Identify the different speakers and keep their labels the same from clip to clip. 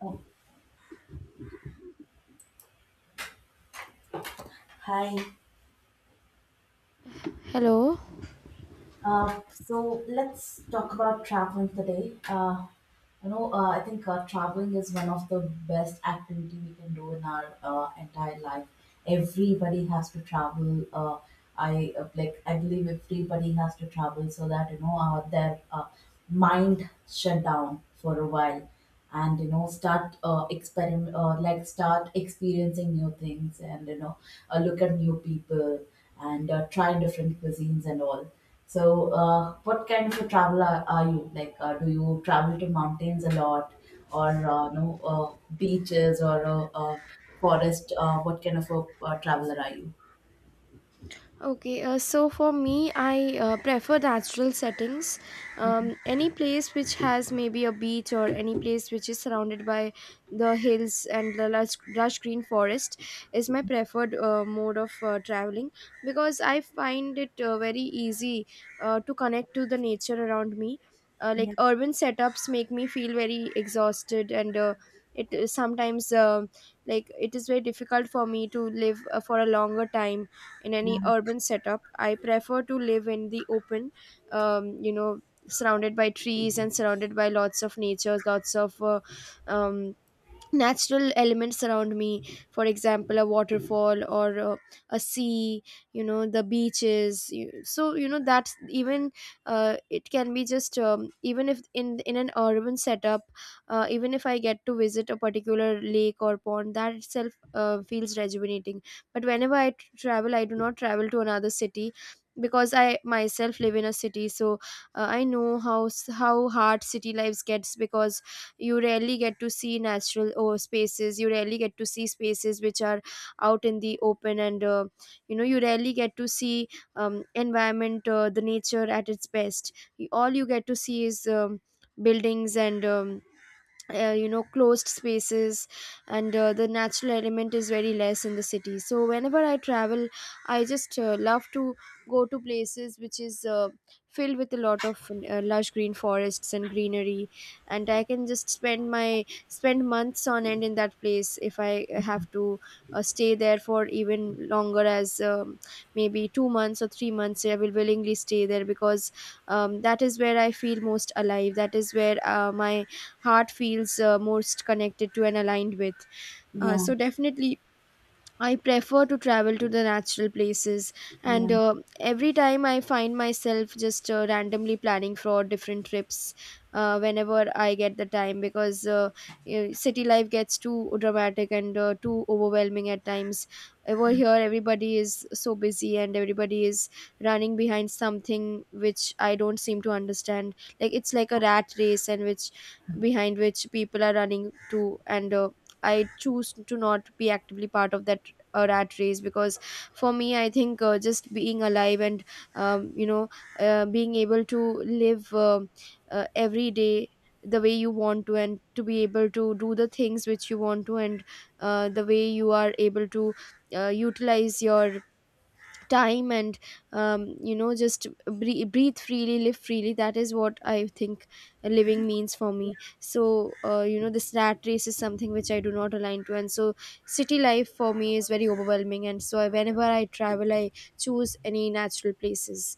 Speaker 1: Oh, hi.
Speaker 2: Hello.
Speaker 1: So let's talk about traveling today. I think traveling is one of the best activity we can do in our entire life. Everybody has to travel. I like. I believe everybody has to travel so that their mind shut down for a while. And start experiment like start experiencing new things, and look at new people, and try different cuisines and all. So what kind of a traveler are you? Like, do you travel to mountains a lot, or no, beaches, or forest? What kind of a traveler are you?
Speaker 2: Okay, so for me, I prefer natural settings. Any place which has maybe a beach or any place which is surrounded by the hills and the lush green forest is my preferred mode of traveling because I find it very easy to connect to the nature around me. Like
Speaker 1: Yeah,
Speaker 2: urban setups make me feel very exhausted, and it is sometimes like it is very difficult for me to live for a longer time in any
Speaker 1: yeah,
Speaker 2: urban setup. I prefer to live in the open, um, you know surrounded by trees and surrounded by lots of nature, lots of um, natural elements around me, for example a waterfall or a sea, the beaches. That's even it can be just even if in an urban setup, even if I get to visit a particular lake or pond, that itself feels rejuvenating. But whenever I travel, I do not travel to another city because I myself live in a city. So I know how how hard city lives gets, because you rarely get to see natural or spaces, you rarely get to see spaces which are out in the open, and you rarely get to see environment, the nature at its best. All you get to see is buildings and closed spaces, and the natural element is very less in the city. So whenever I travel, I just love to go to places which is filled with a lot of lush green forests and greenery, and I can just spend months on end in that place. If I have to stay there for even longer, as maybe two months or three months, I will willingly stay there because that is where I feel most alive, that is where my heart feels most connected to and aligned with.
Speaker 1: yeah,
Speaker 2: So definitely I prefer to travel to the natural places, and
Speaker 1: yeah.
Speaker 2: every time I find myself just randomly planning for different trips whenever I get the time, because you city life gets too dramatic and too overwhelming at times. Over here, everybody is so busy and everybody is running behind something which I don't seem to understand. Like it's like a rat race, and which behind which people are running to, and I choose to not be actively part of that a rat race because for me I think just being alive and um, you know being able to live every day the way you want to, and to be able to do the things which you want to, and the way you are able to utilize your time and just breathe freely, live freely. That is what I think living means for me. So this rat race is something which I do not align to, and so city life for me is very overwhelming. And so I, whenever I travel, I choose any natural places.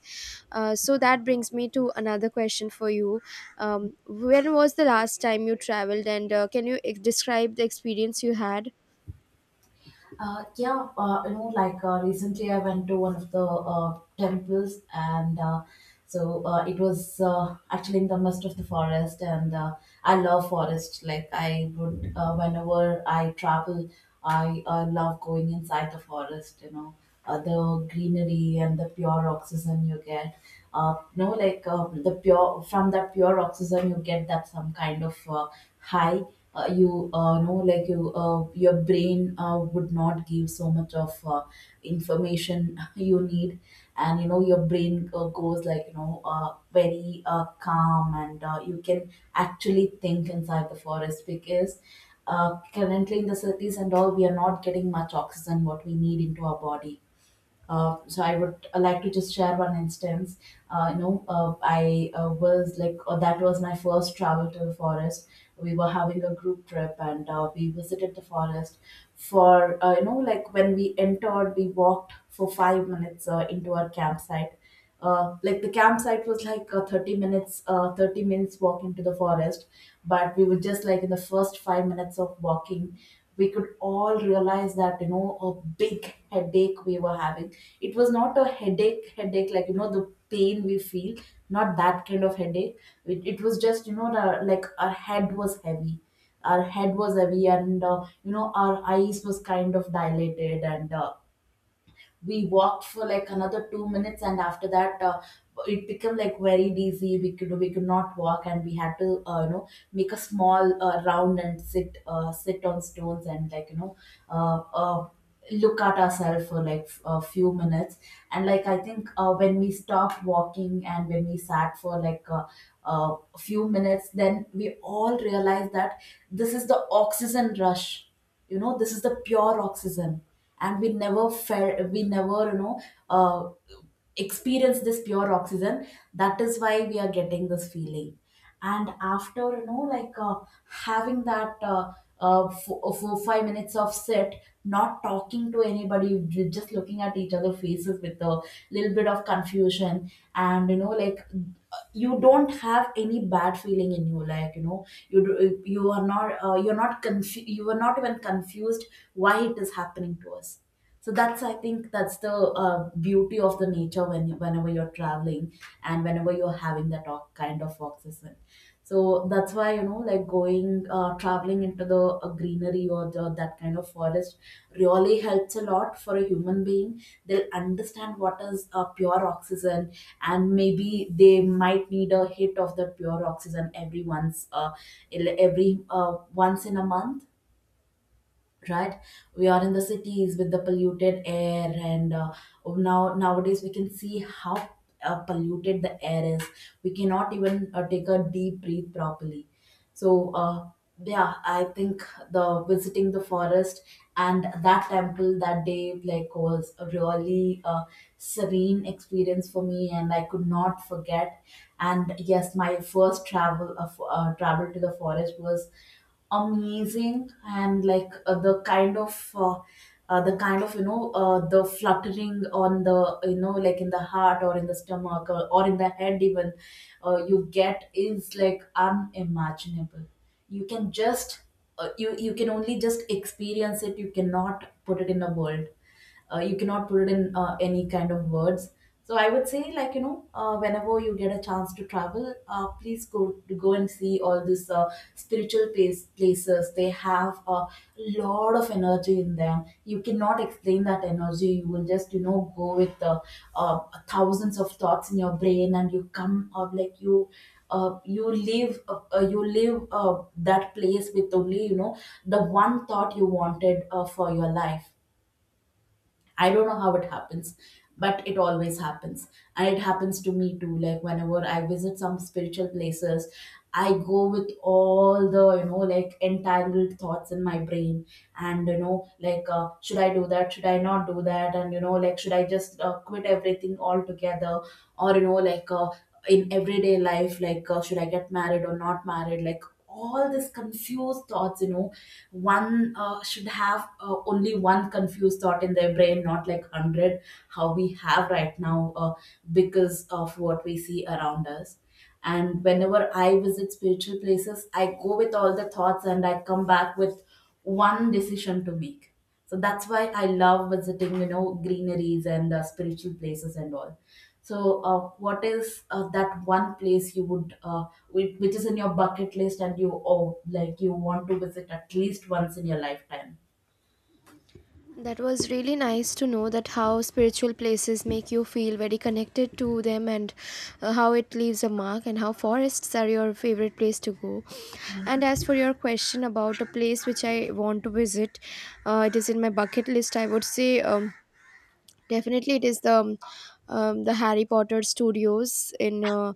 Speaker 2: So that brings me to another question for you. When was the last time you traveled, and can you describe the experience you had?
Speaker 1: Yeah. Recently I went to one of the temples, and it was actually in the midst of the forest. And I love forest. Like, I would, whenever I travel, I love going inside the forest. The greenery and the pure oxygen you get, the pure from that pure oxygen you get, that some kind of high, you know, like, your brain would not give so much of information you need. And you know your brain goes like, very calm, and you can actually think inside the forest, because currently in the cities and all, we are not getting much oxygen what we need into our body. So I would like to just share one instance. I was like That was my first travel to the forest. We were having a group trip, and we visited the forest for you know like when we entered. We walked for 5 minutes into our campsite. Like, the campsite was like a 30 minutes walk into the forest, but we were just like in the first 5 minutes of walking, we could all realize that, a big headache we were having. It was not a headache headache, like, you know, the pain we feel. Not that kind of headache. It was just, you know, like our head was heavy, our head was heavy, and our eyes was kind of dilated. And we walked for like another 2 minutes, and after that it became like very dizzy. We could not walk, and we had to, make a small round, and sit on stones, and like, uh, uh, look at ourselves for like a few minutes. And like, I think when we stopped walking and when we sat for like a few minutes, then we all realized that this is the oxygen rush. You know, this is the pure oxygen, and we never felt, we never, uh, experience this pure oxygen. That is why we are getting this feeling. And after having that 4-5 minutes of sit, not talking to anybody, just looking at each other faces with a little bit of confusion. And you don't have any bad feeling in you, like, you know, you are not you're not confused, you are were not even confused why it is happening to us. So that's I think that's the beauty of the nature, whenever you're traveling and whenever you're having that kind of oxygen. So that's why, you know, like, going traveling into the greenery, or that kind of forest, really helps a lot for a human being. They'll understand what is pure oxygen, and maybe they might need a hit of the pure oxygen every once in a month, right? We are in the cities with the polluted air, and nowadays we can see how polluted the air is. We cannot even take a deep breath properly. so uh, yeah, I think the visiting the forest and that temple that day, like, was a really serene experience for me, and I could not forget. And yes, my first travel to the forest was amazing. And like, the kind of, the fluttering on the, you know, like, in the heart, or in the stomach, or in the head even, you get, is like unimaginable. you can just you can only just experience it, you cannot put it in a world, you cannot put it in any kind of words. So I would say, like, whenever you get a chance to travel, please go and see all these spiritual places, they have a lot of energy in them. You cannot explain that energy, you will just, you know, go with uh, thousands of thoughts in your brain. And you come up like, you leave that place with only, you know, the one thought you wanted for your life. I don't know how it happens, but it always happens. And it happens to me too. Like, whenever I visit some spiritual places, I go with all the, you know, like, entangled thoughts in my brain. And, you know, like, should I do that? Should I not do that? And, you know, like, should I just quit everything altogether? Or, you know, like, in everyday life, like, should I get married or not married? Like, all these confused thoughts, you know. One should have only one confused thought in their brain, not like 100 how we have right now, because of what we see around us. And whenever I visit spiritual places, I go with all the thoughts, and I come back with one decision to make. So that's why I love visiting, you know, greeneries and spiritual places and all. so uh, what is that one place you would, which is in your bucket list, and you oh, like, you want to visit at least once in your lifetime?
Speaker 2: That was really nice to know that how spiritual places make you feel very connected to them, and how it leaves a mark and how forests are your favorite place to go. And as for your question about a place which I want to visit, it is in my bucket list. I would say, definitely, it is the Harry Potter studios in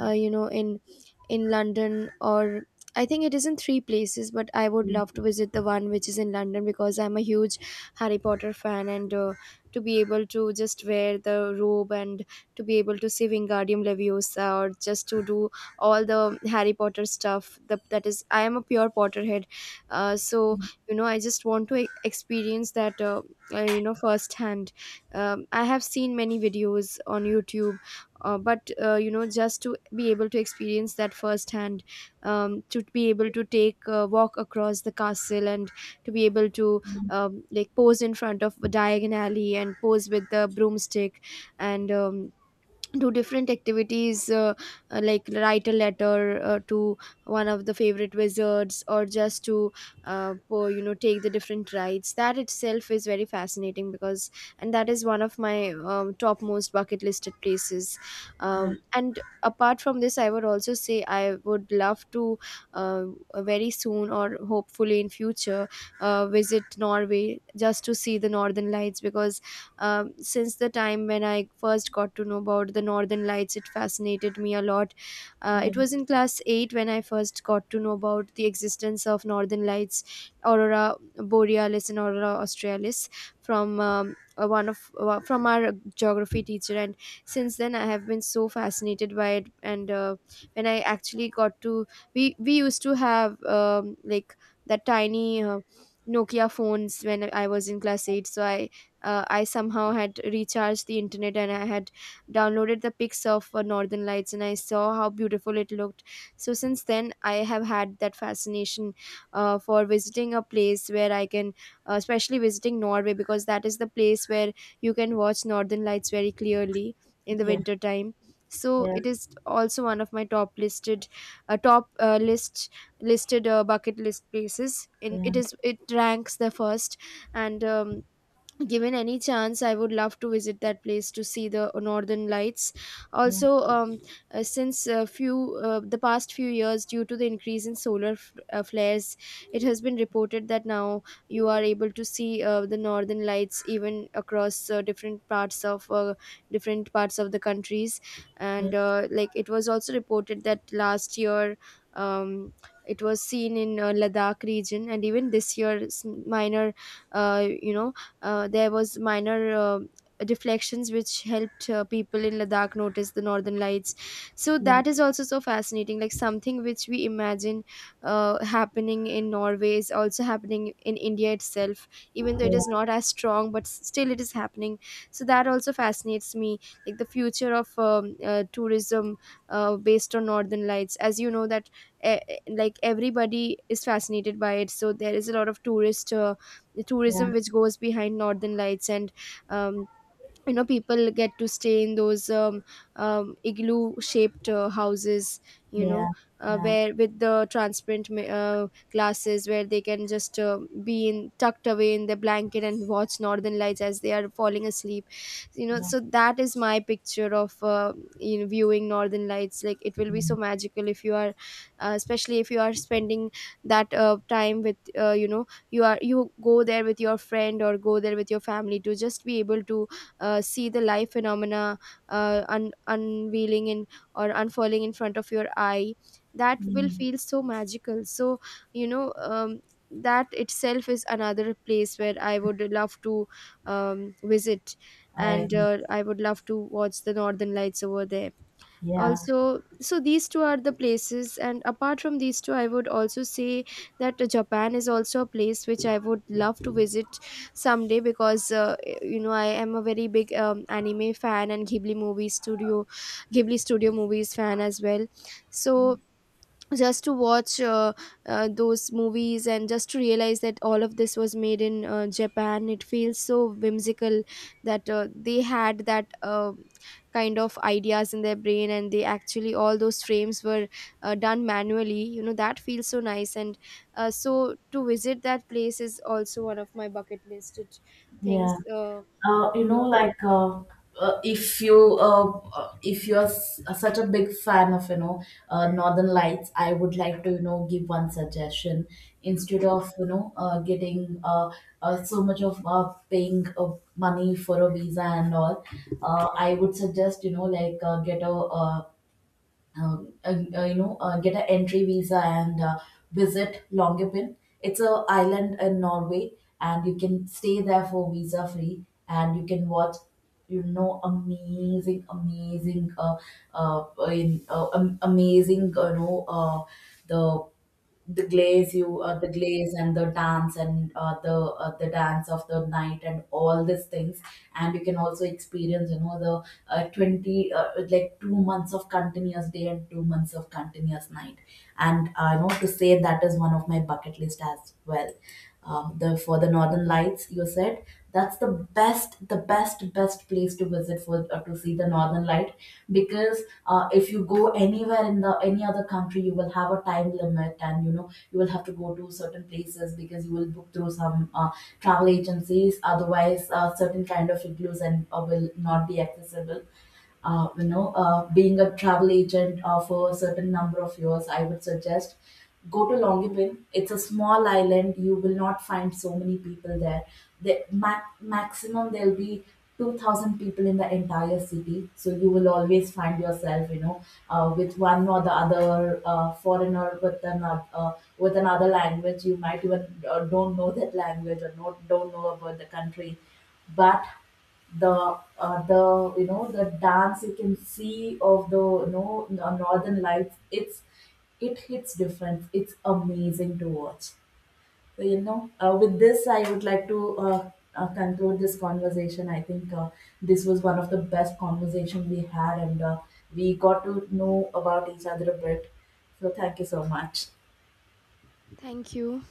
Speaker 2: uh, you know in in London, or I think it is in three places, but I would
Speaker 1: Mm,
Speaker 2: love to visit the one which is in London because I'm a huge Harry Potter fan. And to be able to just wear the robe and to be able to see Wingardium Leviosa, or just to do all the Harry Potter stuff. The, that is, I am a pure Potterhead, so I just want to experience that firsthand. I have seen many videos on YouTube, but just to be able to experience that firsthand, to be able to take a walk across the castle, and to be able to like pose in front of a Diagon Alley and pose with the broomstick, and do different activities, like write a letter to one of the favorite wizards, or just to for, you know take the different rides. That itself is very fascinating because and that is one of my topmost bucket listed places.
Speaker 1: yeah,
Speaker 2: And apart from this, I would also say, I would love to uh, very soon or hopefully in future visit Norway just to see the northern lights, because since the time when I first got to know about the Northern Lights, it fascinated me a lot.
Speaker 1: yeah,
Speaker 2: It was in class eight when I first got to know about the existence of Northern Lights, Aurora Borealis, and Aurora Australis from one of from our geography teacher. And since then, I have been so fascinated by it. And when I actually got to, we used to have like that tiny. Nokia phones when I was in class eight, so I somehow had recharged the internet, and I had downloaded the pics of Northern Lights, and I saw how beautiful it looked. So since then, I have had that fascination for visiting a place where I can, especially visiting Norway, because that is the place where you can watch Northern Lights very clearly in the
Speaker 1: yeah,
Speaker 2: winter time. So it is also one of my top listed, top list listed bucket list places. In
Speaker 1: yeah,
Speaker 2: it is it ranks the first, and given any chance I would love to visit that place to see the northern lights.
Speaker 1: yeah,
Speaker 2: Also, since a few the past few years, due to the increase in solar flares, it has been reported that now you are able to see the northern lights even across different parts of the countries.
Speaker 1: yeah,
Speaker 2: And like it was also reported that last year um, it was seen in Ladakh region. And even this year, minor, uh, you know, there was minor deflections which helped people in Ladakh notice the northern lights. So
Speaker 1: yeah,
Speaker 2: that is also so fascinating. Like something which we imagine happening in Norway is also happening in India itself,
Speaker 1: yeah,
Speaker 2: even though it is
Speaker 1: yeah,
Speaker 2: not as strong, but still it is happening. So that also fascinates me. Like the future of tourism based on northern lights, as you know that. Like everybody is fascinated by it, so there is a lot of tourist the
Speaker 1: yeah,
Speaker 2: tourism
Speaker 1: yeah,
Speaker 2: which goes behind northern lights. And um, people get to stay in those igloo shaped houses, you know
Speaker 1: yeah,
Speaker 2: where with the transparent glasses, where they can just be in tucked away in their blanket and watch northern lights as they are falling asleep. So that is my picture of viewing northern lights. Like it will be
Speaker 1: yeah,
Speaker 2: so magical if you are especially if you are spending that time with you are you go there with your friend or go there with your family to just be able to see the life phenomena, unveiling in or unfurling in front of your eye. That will
Speaker 1: yeah.
Speaker 2: feel so magical. So you know um, that itself is another place where I would love to visit,
Speaker 1: I
Speaker 2: and I would love to watch the northern lights over there
Speaker 1: Yeah,
Speaker 2: also. So these two are the places, and apart from these two, I would also say that Japan is also a place which I would love to visit someday, because I am a very big anime fan, and Ghibli studio movies fan as well. So just to watch those movies, and just to realize that all of this was made in Japan, it feels so whimsical that they had that kind of ideas in their brain, and they actually all those frames were done manually. You know, that feels so nice. And so to visit that place is also one of my bucket listed
Speaker 1: yeah.
Speaker 2: things.
Speaker 1: Uh, you
Speaker 2: And
Speaker 1: know, like uh, if you're such a big fan of, you know, Northern Lights, I would like to, you know, give one suggestion, instead of, you know, getting so much of paying money for a visa and all. I would suggest, you know, like, get a um, uh, you know, get an entry visa, and visit Longyearbyen. It's a island in Norway, and you can stay there for visa free, and you can watch, you know, amazing, amazing, amazing, the the glaze and the dance, and the dance of the night and all these things. And you can also experience, you know, the uh, 20 uh, like, 2 months of continuous day and 2 months of continuous night. And I, you know, to say that is one of my bucket list as well. The For the Northern Lights you said, that's the best best place to visit for to see the northern light, because if you go anywhere in the any other country, you will have a time limit, and you know you will have to go to certain places, because you will book through some travel agencies, otherwise certain kind of igloos and will not be accessible. Being a travel agent for a certain number of years, I would suggest, go to Longipin, it's a small island, you will not find so many people there. The maximum there'll be 2000 people in the entire city, so you will always find yourself, you know, with one or the other foreigner with another, with another language you might even don't know that language, or not, don't know about the country. But the, you know, the dance you can see of the, you know, northern lights, it hits different, it's amazing to watch. So, you know, with this I would like to conclude this conversation. I think this was one of the best conversation we had, and we got to know about each other a bit. So thank you so much.
Speaker 2: thank you.